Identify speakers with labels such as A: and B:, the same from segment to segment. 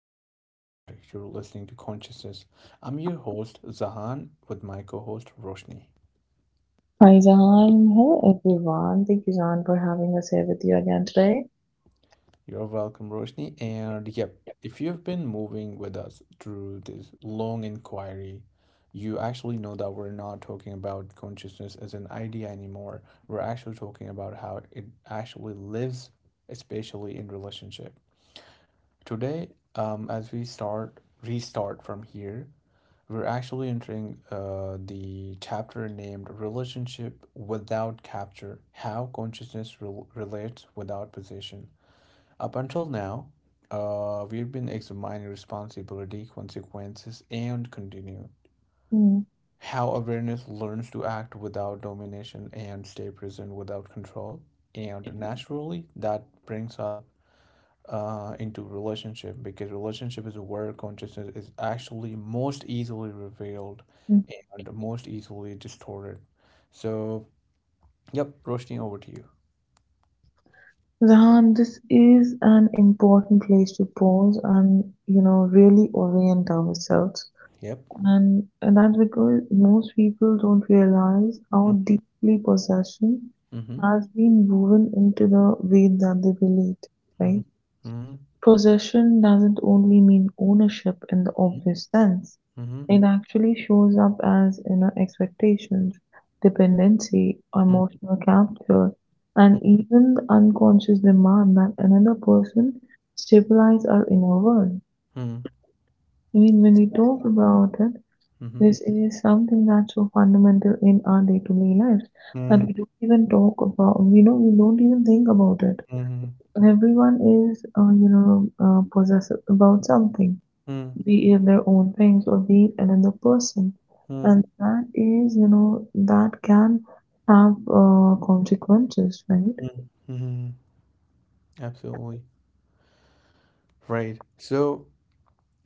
A: podcast, and you're listening to Consciousness. I'm your host, Zahan, with my co host, Roshni.
B: Faizaan, hello everyone. Thank you, Zan, for having us here with you again today.
A: You're welcome, Roshni. And yep, if you've been moving with us through this long inquiry, you actually know that we're not talking about consciousness as an idea anymore. We're actually talking about how it actually lives, especially in relationship. Today, as we restart from here, we're actually entering the chapter named Relationship Without Capture: How Consciousness Relates Without Possession. Up until now, we've been examining responsibility, consequences, and continue.
B: Mm,
A: How awareness learns to act without domination and stay present without control. And naturally, that brings up into relationship because relationship is where consciousness is actually most easily revealed
B: mm.
A: and most easily distorted. So, yep, Roshni, over to you.
B: Zahan, this is an important place to pause and really orient ourselves.
A: Yep.
B: And that's because most people don't realize how deeply possession
A: Mm-hmm.
B: has been woven into the way that they relate, right?
A: Mm-hmm. Mm-hmm.
B: Possession doesn't only mean ownership in the obvious sense.
A: Mm-hmm.
B: It actually shows up as inner expectations, dependency,
A: Mm-hmm.
B: emotional capture, and even the unconscious demand that another person stabilize our inner world.
A: Mm-hmm.
B: I mean, when we talk about it, this is something that's so fundamental in our day-to-day lives that
A: Mm.
B: we don't even talk about, we don't even think about it.
A: Mhm.
B: Everyone is, possessive about something,
A: Mm.
B: be it their own things or be it another person.
A: Mm.
B: And that is, that can have consequences, right?
A: Mm. Mhm. Absolutely. Right. So,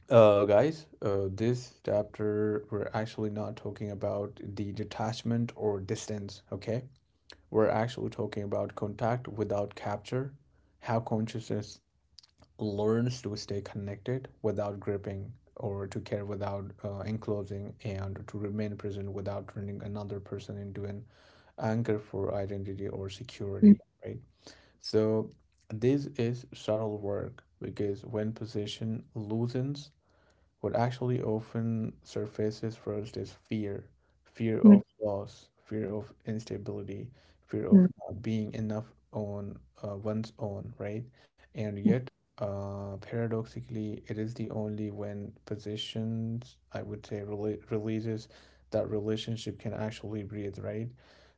A: guys, this chapter, we're actually not talking about the detachment or distance, okay? We're actually talking about contact without capture, how consciousness learns to stay connected without gripping, or to care without enclosing, and to remain present without turning another person into an anchor for identity or security, right? So, this is subtle work because when position loosens, what actually often surfaces first is fear. Fear of
B: Mm,
A: loss, fear of instability, fear of
B: mm,
A: not being enough on one's own, right? And
B: mm, mm,
A: yet, paradoxically, it is the only when positions, I would say, releases that relationship can actually breathe, right?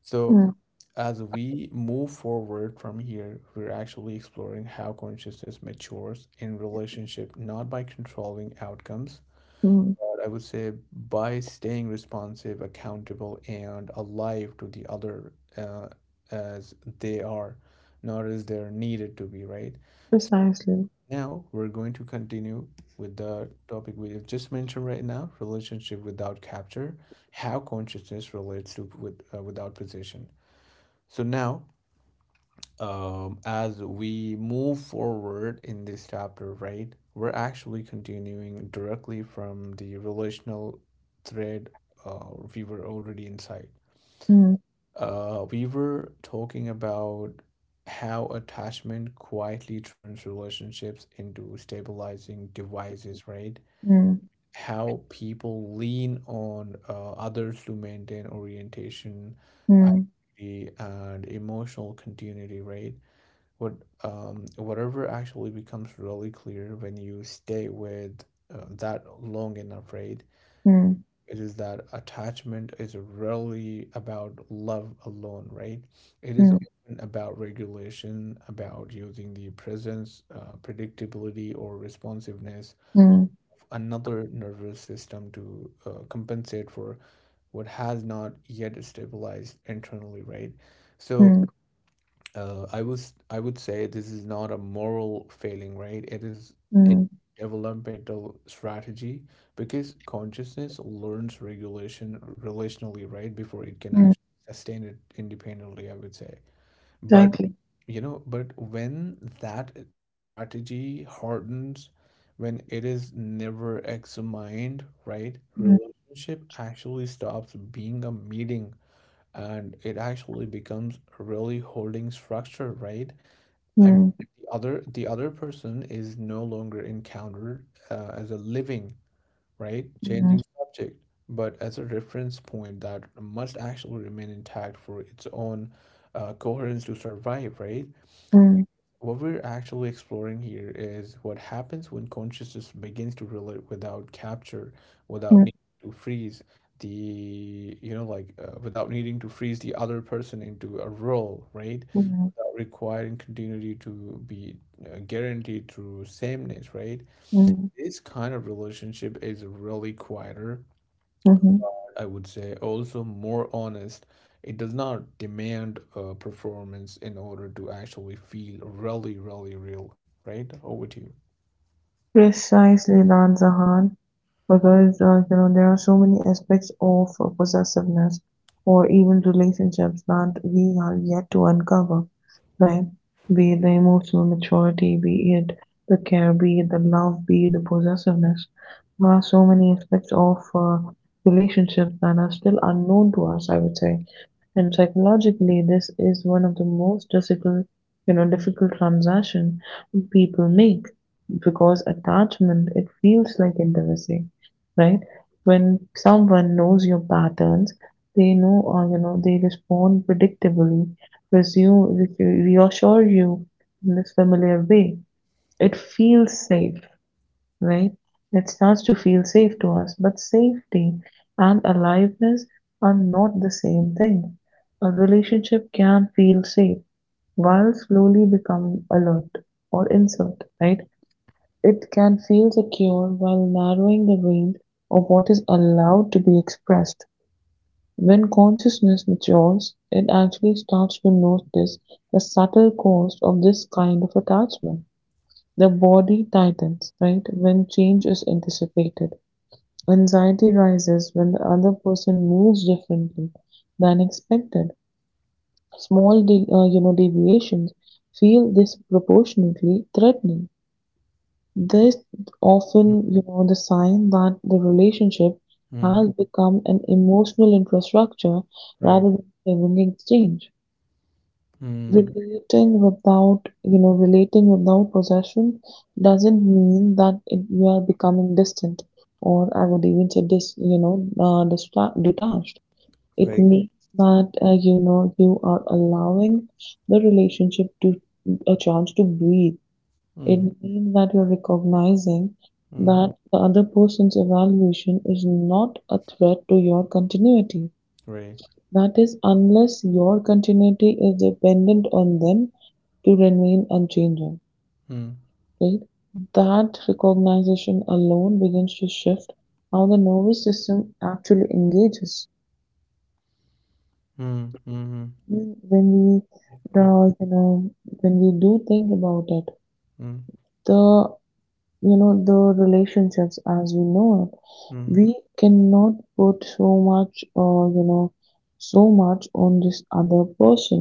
A: So,
B: mm,
A: as we move forward from here, we're actually exploring how consciousness matures in relationship, not by controlling outcomes,
B: mm.
A: but I would say by staying responsive, accountable, and alive to the other as they are, not as they're needed to be, right? So
B: Precisely.
A: now we're going to continue with the topic we have just mentioned right now: relationship without capture, how consciousness relates to with, without position. So now as we move forward in this chapter, right, we're actually continuing directly from the relational thread uh, we were already inside.
B: Mm,
A: We were talking about how attachment quietly turns relationships into stabilizing devices, right?
B: mm,
A: How people lean on others to maintain orientation,
B: mm,
A: identity, and emotional continuity, right? what Whatever actually becomes really clear when you stay with that long and afraid,
B: mm,
A: it is that attachment is really about love alone, right? It is
B: mm,
A: often about regulation, about using the presence, predictability or responsiveness
B: mm,
A: of another nervous system to compensate for what has not yet stabilized internally, right? So,
B: mm,
A: I would say this is not a moral failing, right? It is a
B: mm,
A: developmental strategy because consciousness learns regulation relationally, right, before it can
B: mm,
A: actually sustain it independently, I would say. But
B: exactly.
A: but when that strategy hardens, when it is never examined, right,
B: Mm,
A: relationship actually stops being a meeting and it actually becomes really holding structure, right? I mean,
B: mm,
A: the other person is no longer encountered as a living, right?
B: mm,
A: Changing subject, but as a reference point that must actually remain intact for its own coherence to survive, right?
B: mm,
A: What we're actually exploring here is what happens when consciousness begins to relate without capture, without
B: mm,
A: need to freeze the, you know, like without needing to freeze the other person into a role, right?
B: mm,
A: Without requiring continuity to be guaranteed through sameness, right?
B: mm,
A: This kind of relationship is really quieter,
B: mhm.
A: I would say, also more honest. It does not demand a performance in order to actually feel really, really real, right? Over to you.
B: Precisely, Lanzahan, because there are so many aspects of possessiveness or even relationships that we are yet to uncover, right? Be it the emotional maturity, be it the care, be it the love, be it the possessiveness. There are so many aspects of relationships that are still unknown to us, I would say. And psychologically, this is one of the most difficult, transaction people make, because attachment, it feels like intimacy, right? When someone knows your patterns, they know, or they respond predictably, reassure you in this familiar way, it feels safe, right? It starts to feel safe to us, but safety and aliveness are not the same thing. A relationship can feel safe while slowly becoming alert or insert, right? It can feel secure while narrowing the range of what is allowed to be expressed. When consciousness matures, it actually starts to notice the subtle cost of this kind of attachment. The body tightens, right, when change is anticipated. Anxiety rises when the other person moves differently than expected. Small, deviations feel disproportionately threatening. This often, the sign that the relationship
A: Mm.
B: has become an emotional infrastructure
A: Right.
B: rather than a living exchange.
A: Mm.
B: Relating without possession doesn't mean that you are becoming distant, or I would even say dis, you know, dista- detached. It
A: Right.
B: means that, you are allowing the relationship to a chance to breathe. It
A: Mm.
B: means that you're recognizing
A: Mm.
B: that the other person's evaluation is not a threat to your continuity.
A: Right.
B: That is, unless your continuity is dependent on them to remain unchanging,
A: Mm.
B: right? That recognition alone begins to shift how the nervous system actually engages.
A: Mm. Hmm.
B: When we,
A: Yep. Yep.
B: when we do think about it,
A: Mm.
B: the relationships as we know it,
A: Mhm.
B: we cannot put so much on this other person,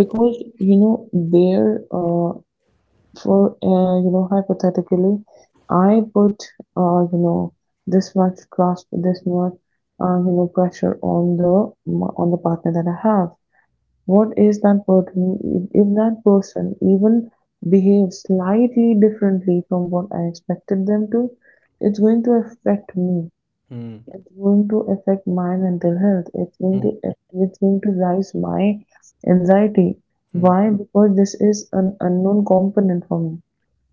B: because you know there for you know hypothetically I put, uh, you know this much trust, this much pressure on the partner that I have. What is that person? If that person even behaves slightly differently from what I expected them to, it's going to affect me.
A: Mm.
B: It's going to affect my mental health. It's going
A: Mm.
B: to it's going to rise my anxiety.
A: Mm.
B: Why? Because this is an unknown component for me.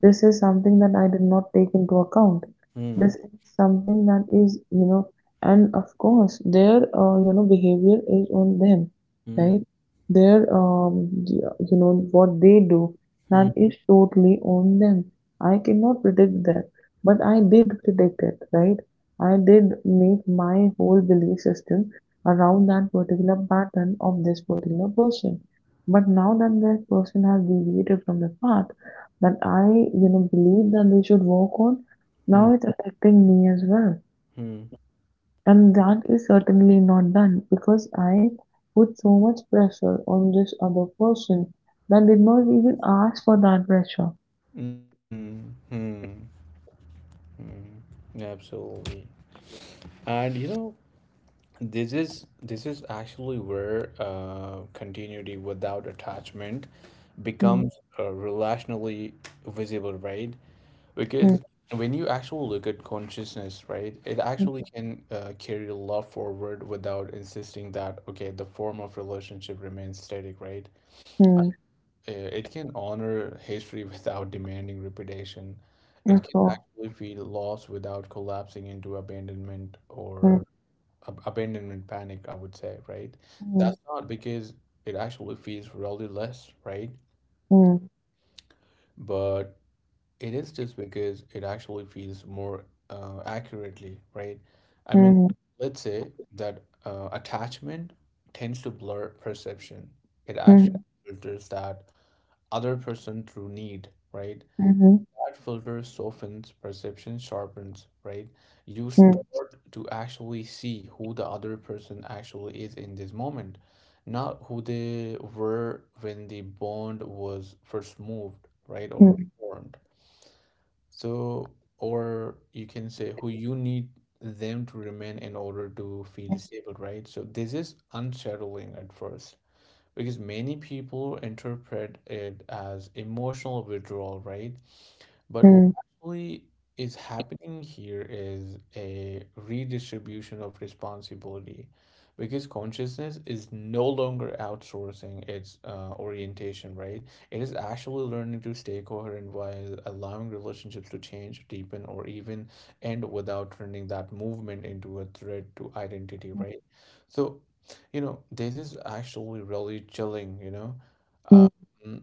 B: This is something that I did not take into account.
A: Mm. Mm.
B: This is something that is, and of course their, behavior is on them,
A: Mm.
B: right? Their, what they do, that is totally on them. I cannot predict that, but I did predict it, right? I did make my whole belief system around that particular pattern of this particular person. But now that that person has deviated from the path, that I, believe that they should work on, now it's affecting me as well.
A: Mm. Mm.
B: And that is certainly not done, because I put so much pressure on this other person that did not even ask for that pressure.
A: Mm. Mm. Absolutely. And you know, this is actually where continuity without attachment
B: Mm,
A: becomes relationally visible, right?
B: mm,
A: Because when you actually look at consciousness, right, it actually
B: mm,
A: can carry love forward without insisting that okay, the form of relationship remains static, right? Uh,
B: mm,
A: it can honor history without demanding repetition.
B: of
A: It can
B: course.
A: actually feel loss without collapsing into abandonment
B: Mm,
A: or abandonment panic, I would say, right?
B: mm,
A: That's not because it actually feels really less, right?
B: mm,
A: But it is just because it actually feels more accurately, right? I mean,
B: mm,
A: let's say that attachment tends to blur perception. It actually
B: mm,
A: filters that other person through need, right?
B: mhm,
A: That filter softens perception, sharpens, right? You
B: mm,
A: start to actually see who the other person actually is in this moment, not who they were when the bond was first moved, right? Or
B: mm,
A: formed. So, or you can say who you need them to remain in order to feel stable, right? So, this is unsettling at first because many people interpret it as emotional withdrawal, right? But what
B: mm,
A: actually is happening here is a redistribution of responsibility because consciousness is no longer outsourcing its orientation, right? It is actually learning to stay coherent while allowing relationships to change, deepen, or even end without turning that movement into a threat to identity,
B: mm,
A: right? So you know, this is actually really chilling.
B: mm,
A: Um,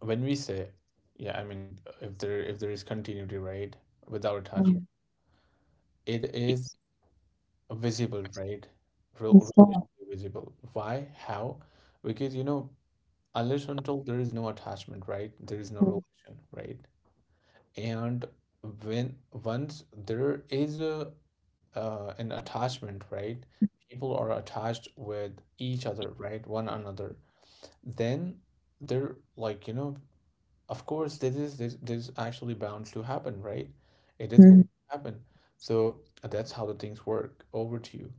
A: when we say, yeah, I mean, if there is continuity, right, without attachment,
B: mm,
A: it is visible, right? Real,
B: of course.
A: relationally visible. Why? How? Because, you know, unless until there is no attachment, right? There is no
B: Mm,
A: relation, right? And when once there is a an attachment, right? People are attached with each other, right? One another. Then they're like, you know, of course this actually bound to happen, right? It is going
B: mm.
A: to happen. So that's how the things work. Over to you.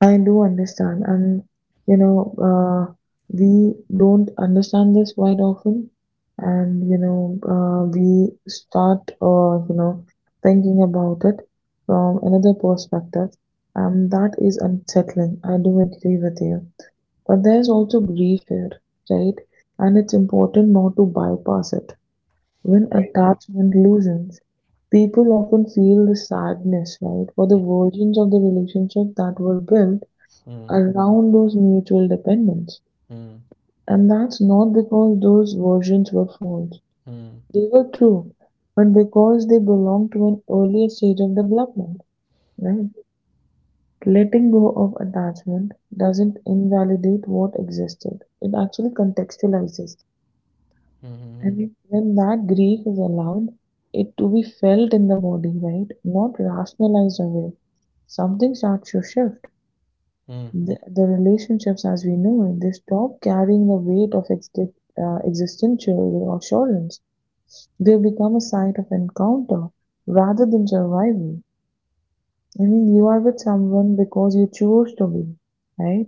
B: I do understand, and you know, uh, we don't understand this quite often, and we start, thinking about it from another perspective, and that is unsettling. I do agree with you, but there's also grief here, right? And it's important not to bypass it. When
A: Right.
B: attachment loosens, people often feel the sadness, right, for the versions of the relationship that were built
A: Mm.
B: around those mutual dependence.
A: Mm.
B: And that's not because those versions were false.
A: Mm. Mm.
B: They were true, but because they belong to an earlier stage of development, right? Letting go of attachment doesn't invalidate what existed. It actually contextualizes. And
A: Mm.
B: when that grief is allowed, it to be felt in the body, right? Not rationalized away. Something starts to shift.
A: Mm.
B: The relationships as we know it, they stop carrying the weight of existential assurance. They become a site of encounter rather than survival. I mean, you are with someone because you chose to be, right?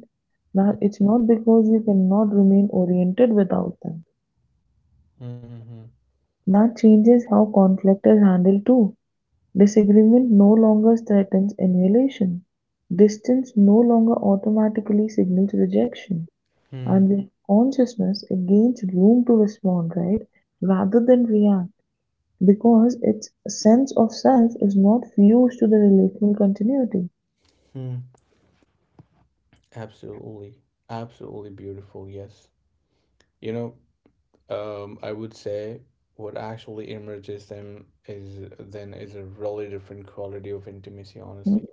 B: Now, it's not because you cannot remain oriented without them.
A: Mm. Mm.
B: That changes how conflict is handled too. Disagreement no longer threatens annihilation. Distance no longer automatically signals rejection.
A: Mm.
B: And with consciousness, it gains room to respond, right, rather than react, because its sense of self is not fused to the relational continuity.
A: Mm. Absolutely. Absolutely beautiful. Yes. You know, I would say what actually emerges them is then is a really different quality of intimacy, honestly.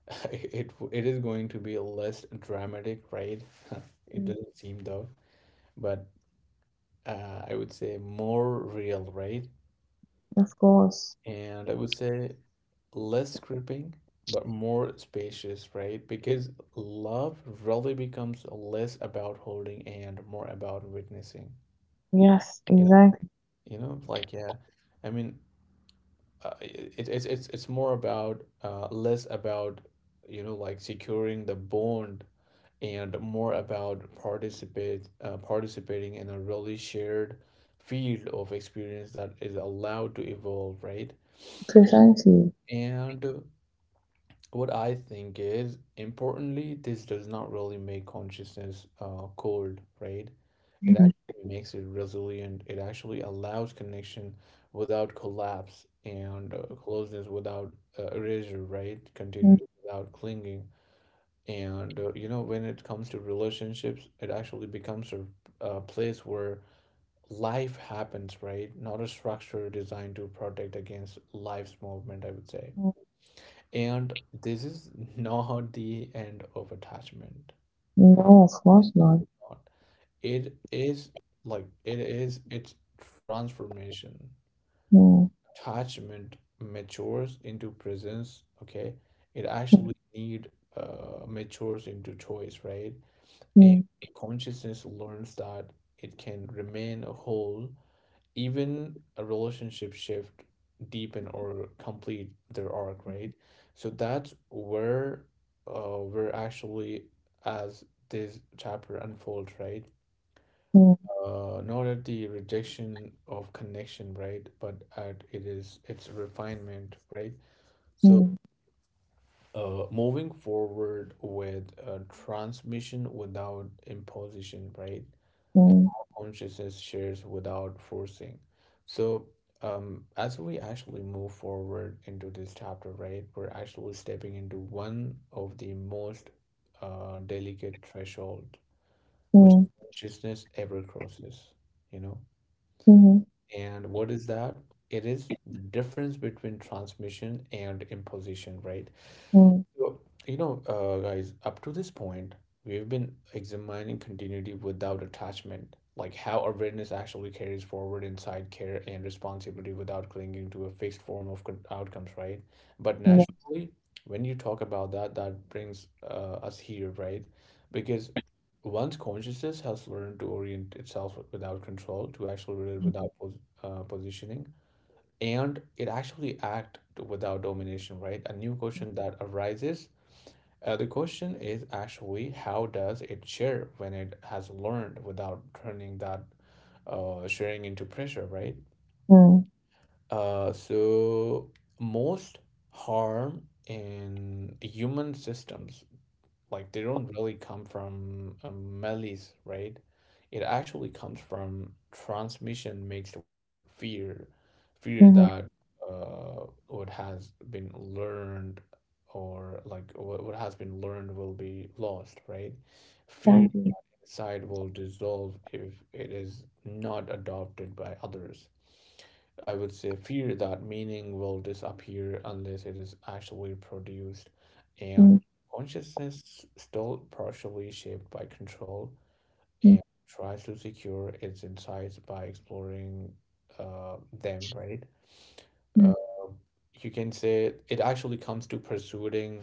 A: It is going to be less dramatic, right? It
B: Mhm.
A: doesn't seem though, but I would say more real, right?
B: Of course.
A: And I would say less gripping, but more spacious, right? Because love really becomes less about holding and more about witnessing.
B: Yes,
A: You know,
B: exactly.
A: like yeah, I mean, it, it's more about less about like securing the bond and more about participate participating in a really shared field of experience that is allowed to evolve, right?
B: Precisely.
A: And what I think is importantly, this does not really make consciousness cold, right? It
B: Mhm.
A: actually makes it resilient. It actually allows connection without collapse and closeness without erasure, right? Continuity without clinging. And you know, when it comes to relationships, it actually becomes a place where life happens, right? Not a structure designed to protect against life's movement, I would say.
B: Mhm.
A: And this is not the end of attachment.
B: No, of
A: It's
B: course not.
A: not. It is like it is its transformation.
B: Mm.
A: Attachment matures into presence, okay? It actually need matures into choice, right? And
B: Mm.
A: consciousness learns that it can remain a whole, even a relationship shift, deepen or complete their arc, right? So that's where we're actually, as this chapter unfolds, right?
B: Mm.
A: Not at the rejection of connection, right? But at it is its refinement, right? So
B: Mm.
A: moving forward with transmission without imposition, right? Consciousness shares without forcing. So, as we actually move forward into this chapter, right, we're actually stepping into one of the most delicate threshold which
B: Mm.
A: consciousness ever crosses, you know.
B: Mm.
A: And what is that? It is the difference between transmission and imposition, right?
B: Mm.
A: So, you know, guys, up to this point, we've been examining continuity without attachment, like how awareness actually carries forward inside care and responsibility without clinging to a fixed form of outcomes, right? But
B: Mm.
A: naturally, when you talk about that, that brings us here, right? Because once consciousness has learned to orient itself without control, to actually relate
B: Yeah.
A: without positioning, and it actually act without domination, right? A new question that arises, the question is actually how does it share when it has learned without turning that sharing into pressure, right?
B: Mm.
A: So most harm in human systems, like, they don't really come from a malice, right? It actually comes from transmission mixed with fear, fear
B: Mhm.
A: that what has been learned, or like what has been learned will be lost, right?
B: Thank
A: Fear
B: you.
A: side will dissolve if it is not adopted by others. I would say fear that meaning will disappear unless it is actually produced,
B: Mm.
A: and consciousness still partially shaped by control
B: Mm.
A: and tries to secure its insights by exploring them, right? Uh, you can say it actually comes to pursuing,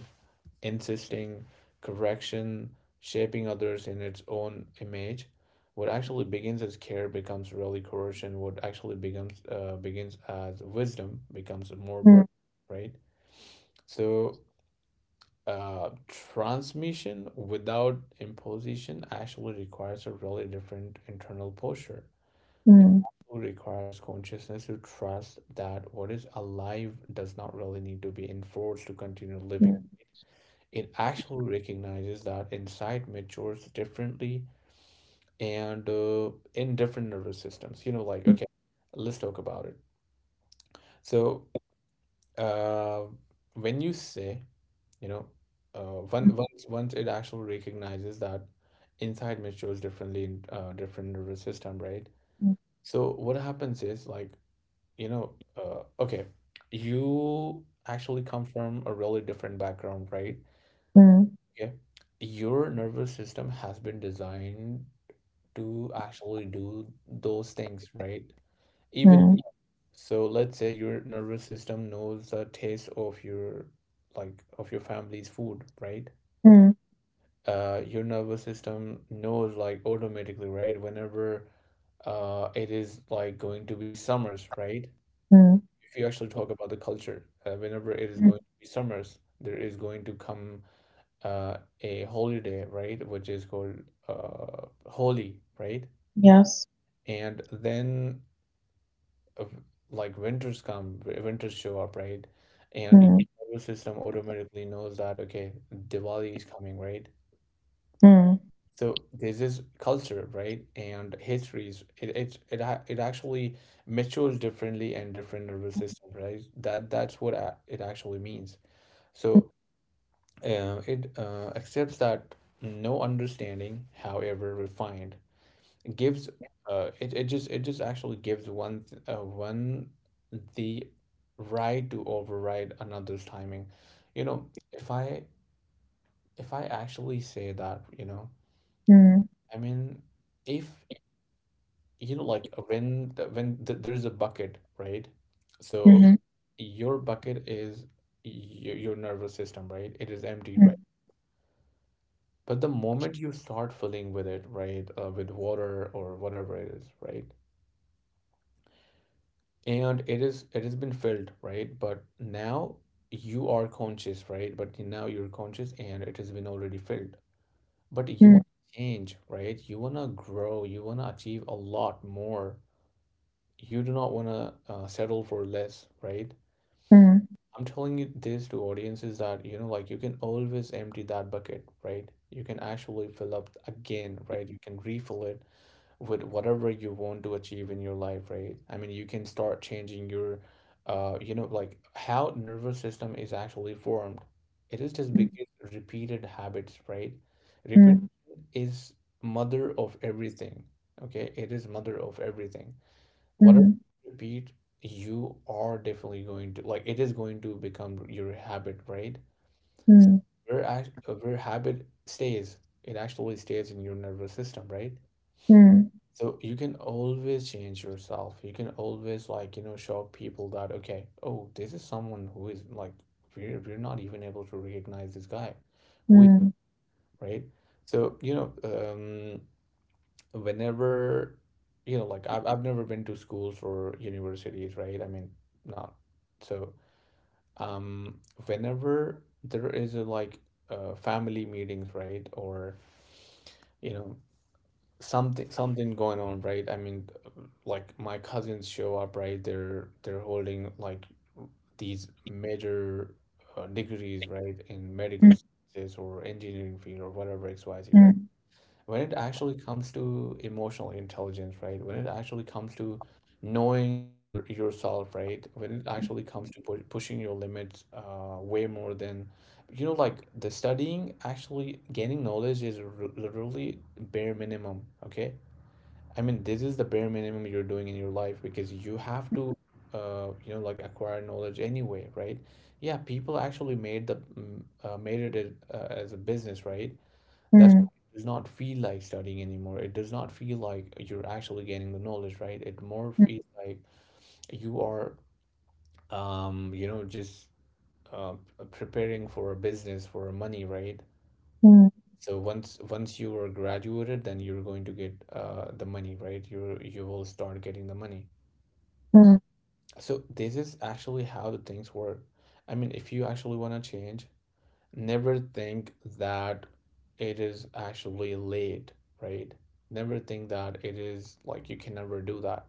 A: insisting, correction, shaping others in its own image. What actually begins as care becomes really coercion. What actually becomes begins as wisdom becomes more
B: Mm.
A: burden, right? So, transmission without imposition actually requires a really different internal posture.
B: Mm.
A: It requires consciousness to trust that what is alive does not really need to be enforced to continue living.
B: Mm.
A: It actually recognizes that insight matures differently and in different nervous systems. You know, like, okay, let's talk about it. So, uh, when you say, you know,
B: Mm.
A: once it actually recognizes that insight matures differently in different nervous system, right?
B: Mm.
A: So, what happens is, like, okay, you actually come from a really different background, right?
B: Mm.
A: Okay. Your nervous system has been designed to actually do those things, right? Even
B: Mm.
A: so, let's say your nervous system knows the taste of your like of your family's food, right?
B: Mm,
A: Your nervous system knows like automatically, right? Whenever it is like going to be summers, right?
B: mm,
A: If you actually talk about the culture, whenever it is going
B: mm,
A: to be summers, there is going to come a holiday, right, which is called Holi, right?
B: yes.
A: And then uh, like winters come, winters show up, right? And your
B: Mm,
A: nervous system automatically knows that, okay, Diwali is coming, right?
B: mm,
A: So there's this culture, right? And histories, it it's, it ha- it actually matures differently and different nervous system, right? That's what it actually means. So it accepts that no understanding, however refined, gives it just actually gives one the right to override another's timing. You know, if I if I actually say that, you know,
B: mm,
A: I mean, if you know, like when when th there's a bucket, right? So
B: mhm,
A: your bucket is your nervous system, right? It is empty, right?
B: mm,
A: But the moment you start filling with it, right, with water or whatever it is, right, and it has been filled, right, but now you are conscious, right, but now you're conscious and it has been already filled. But you want
B: mm,
A: to change, right? You want to grow. You want to achieve a lot more. You do not want to settle for less, right?
B: mm,
A: I'm telling you this to audiences that you know, like you can always empty that bucket, right? You can actually fill up again, right? You can refill it with whatever you want to achieve in your life, right? I mean, you can start changing your, you know, like how nervous system is actually formed. It is just because repeated habits, right?
B: mm,
A: Repetition is mother of everything. Okay, it is mother of everything.
B: mm,
A: Whatever
B: mhm,
A: you repeat, you are definitely going to like it is going to become your habit, right?
B: mm,
A: Where where habit stays, it actually stays in your nervous system, right? So you can always change yourself. You can always like, you know, show people that okay, oh, this is someone who is like we're not even able to recognize this guy. Who is
B: mm,
A: right? So, you know, whenever you know, like I've never been to schools or universities, right? I mean, not so um whenever there is a like family meetings, right? Or you know, something going on, right? I mean, like my cousins show up, right? They're holding like these major degrees, right, in medical
B: mm,
A: sciences or engineering field or whatever xyz, right?
B: mm,
A: When it actually comes to emotional intelligence, right? When it actually comes to knowing your yourself, right? When it actually comes to pushing your limits way more than you know like the studying actually gaining knowledge is literally bare minimum. Okay, I mean, this is the bare minimum you're doing in your life because you have to, you know, like acquire knowledge anyway, right? Yeah, people actually made the made it as a business, right? That's why
B: mm,
A: it does not feel like studying anymore. It does not feel like you're actually gaining the knowledge, right? It more feels like you are, you know, just uh, preparing for a business for money, right?
B: mm, mm, mm,
A: So once you are graduated, then you're going to get the money, right? You will start getting the money.
B: mm,
A: So this is actually how the things work. I mean, if you actually want to change, never think that it is actually late, right? Never think that it is like you can never do that.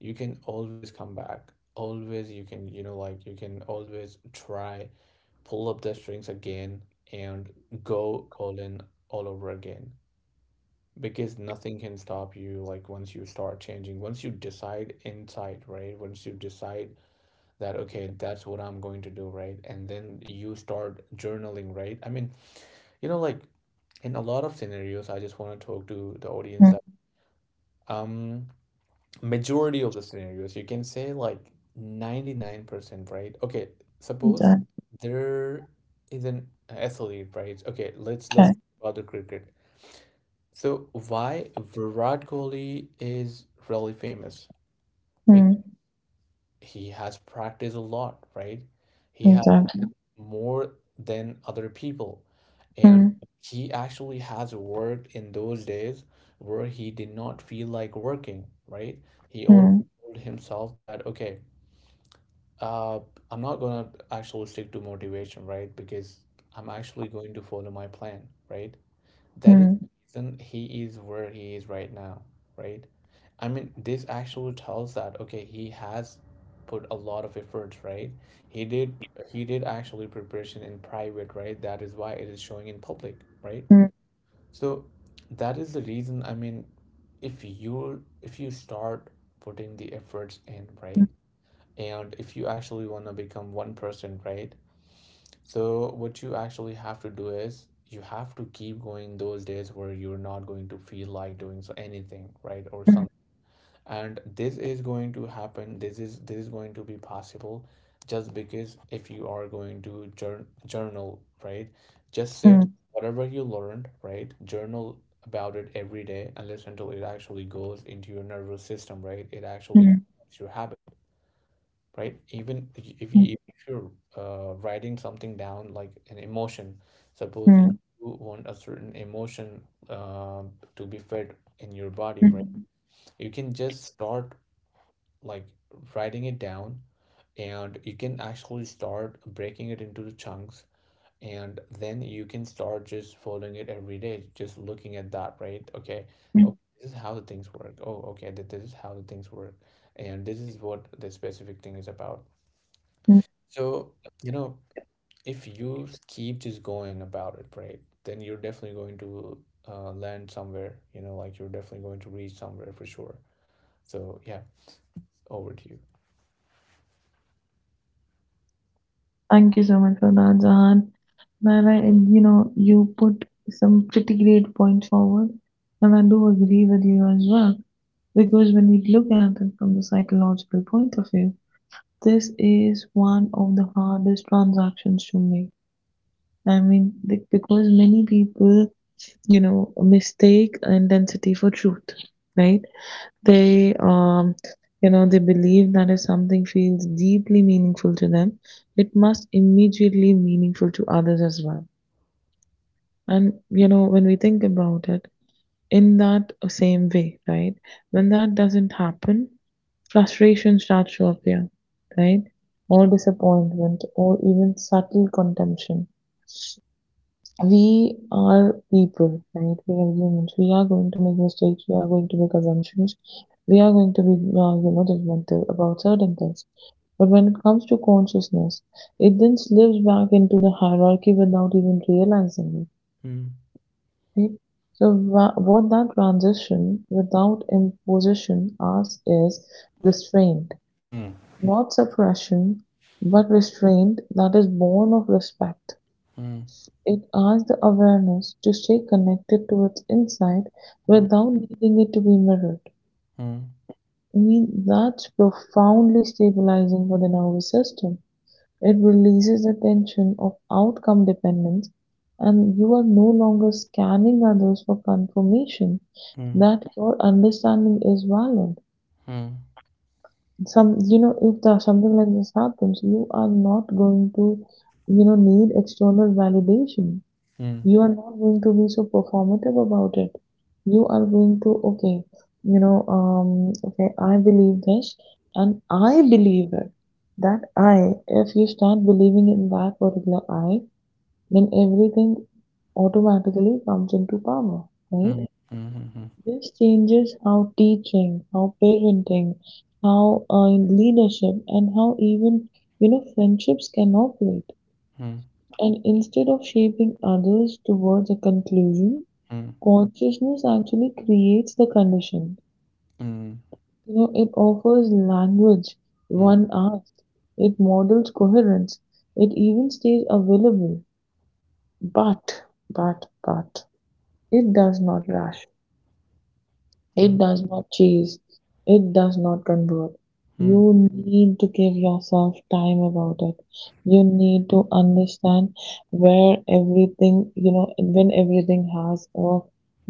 A: You can always come back. Always you can, you know, like you can always try, pull up the strings again and go all in all over again. Because nothing can stop you like once you start changing. Once you decide inside, right? Once you decide that okay, that's what I'm going to do, right? And then you start journaling, right? I mean, you know, like in a lot of scenarios I just want to talk to the audience that
B: mm.
A: um majority of the scenarios you can say like 99%, right? Okay, suppose
B: Done.
A: there is an athlete, right? Okay, let's
B: Okay.
A: talk about the cricket. So why Virat Kohli is really famous? Because
B: Mm,
A: he has practiced a lot, right? He has
B: mm, done.
A: more than other people. And
B: Mm,
A: he actually has worked in those days where he did not feel like working, right? He always
B: mm,
A: told himself that, okay, uh, I'm not gonna actually stick to motivation, right? Because I'm actually going to follow my plan, right? That is
B: mm,
A: the reason he is where he is right now, right? I mean, this actually tells that okay, he has put a lot of efforts, right? He did he did actually preparation in private, right? That is why it is showing in public, right?
B: mm,
A: So that is the reason, I mean, if you start putting the efforts in, right?
B: mm,
A: And if you actually want to become one person, right? So what you actually have to do is you have to keep going those days where you're not going to feel like doing so anything, right? Or
B: mm,
A: some, and this is going to happen. This is going to be possible just because if you are going to journal, right? Just sit
B: mm,
A: whatever you learned, right? Journal about it every day unless until it actually goes into your nervous system, right? It actually
B: mm,
A: becomes your habit, right? Even if
B: mm,
A: you if you're writing something down like an emotion, suppose you
B: mm,
A: want a certain emotion um, to be fed in your body, right?
B: mm,
A: You can just start like writing it down, and you can actually start breaking it into the chunks. And then you can start just following it every day, just looking at that, right? Okay,
B: mm,
A: okay, this is how the things work. Oh, okay, that this is how the things work, and this is what the specific thing is about.
B: mm.
A: So, you know, if you keep just going about it, right, then you're definitely going to land somewhere, you know, like you're definitely going to reach somewhere for sure. So, yeah, over to you.
B: Thank you so much for that, Jahan. Man, and you put some pretty great points forward, and I do agree with you as well. Because when you look at it from the psychological point of view, this is one of the hardest transactions to make. I mean, because many people, mistake intensity for truth, right? They, um, they believe that if something feels deeply meaningful to them, it must immediately meaningful to others as well. And, when we think about it in that same way, right? When that doesn't happen, frustration starts to appear, right? Or disappointment, or even subtle contempt. We are people, right? We are humans. We are going to make mistakes. We are going to make assumptions. We are going to be, judgmental about certain things. But when it comes to consciousness, it then slips back into the hierarchy without even realizing it.
A: Mm.
B: Right? So, what that transition without imposition asks is restraint.
A: Hmm.
B: Not suppression, but restraint that is born of respect.
A: Hmm.
B: It asks the awareness to stay connected to its insight
A: Hmm.
B: without needing it to be mirrored.
A: Hmm.
B: I mean, that's profoundly stabilizing for the nervous system. It releases the tension of outcome dependence, and you are no longer scanning others for confirmation
A: Hmm.
B: that your understanding is valid.
A: Hmm.
B: Some you know if the something like this happens, you are not going to need external validation.
A: Hmm.
B: You are not going to be so performative about it. You are going to okay, I believe this, and I believe it. That I If you start believing in that particular I, then everything automatically comes into power,
A: Hmm.
B: right?
A: Hmm. Hmm.
B: This changes how teaching, how parenting, how leadership, and how even friendships can operate.
A: Hmm. Hmm.
B: And instead of shaping others towards a conclusion,
A: Hmm.
B: consciousness actually creates the condition.
A: Hmm.
B: It offers language one asks, it models coherence, it even stays available, but, but, but, it does not rush. It does not chase, it does not convert. You need to give yourself time about it. You need to understand where everything, you know, when everything has a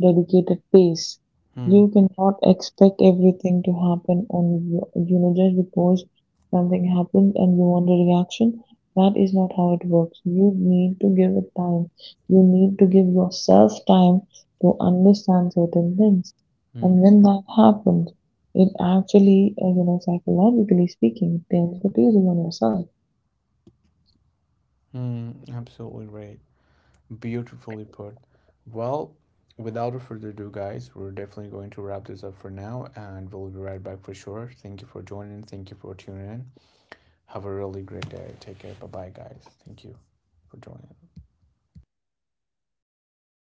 B: dedicated pace.
A: Hmm. Mm.
B: You cannot expect everything to happen on, your- you know, just because something happens and you want a reaction. That is not how it works. You need to give it time. You need to give yourself time to understand certain things.
A: Mm.
B: And when that happens, it actually, you know, psychologically speaking, it turns the tables on yourself.
A: Mm. Absolutely right. Beautifully put. Well, without further ado, guys, we're definitely going to wrap this up for now and we'll be right back for sure. Thank you for joining. Thank you for tuning in. Have a really great day. Take care. Bye bye, guys. Thank you for joining.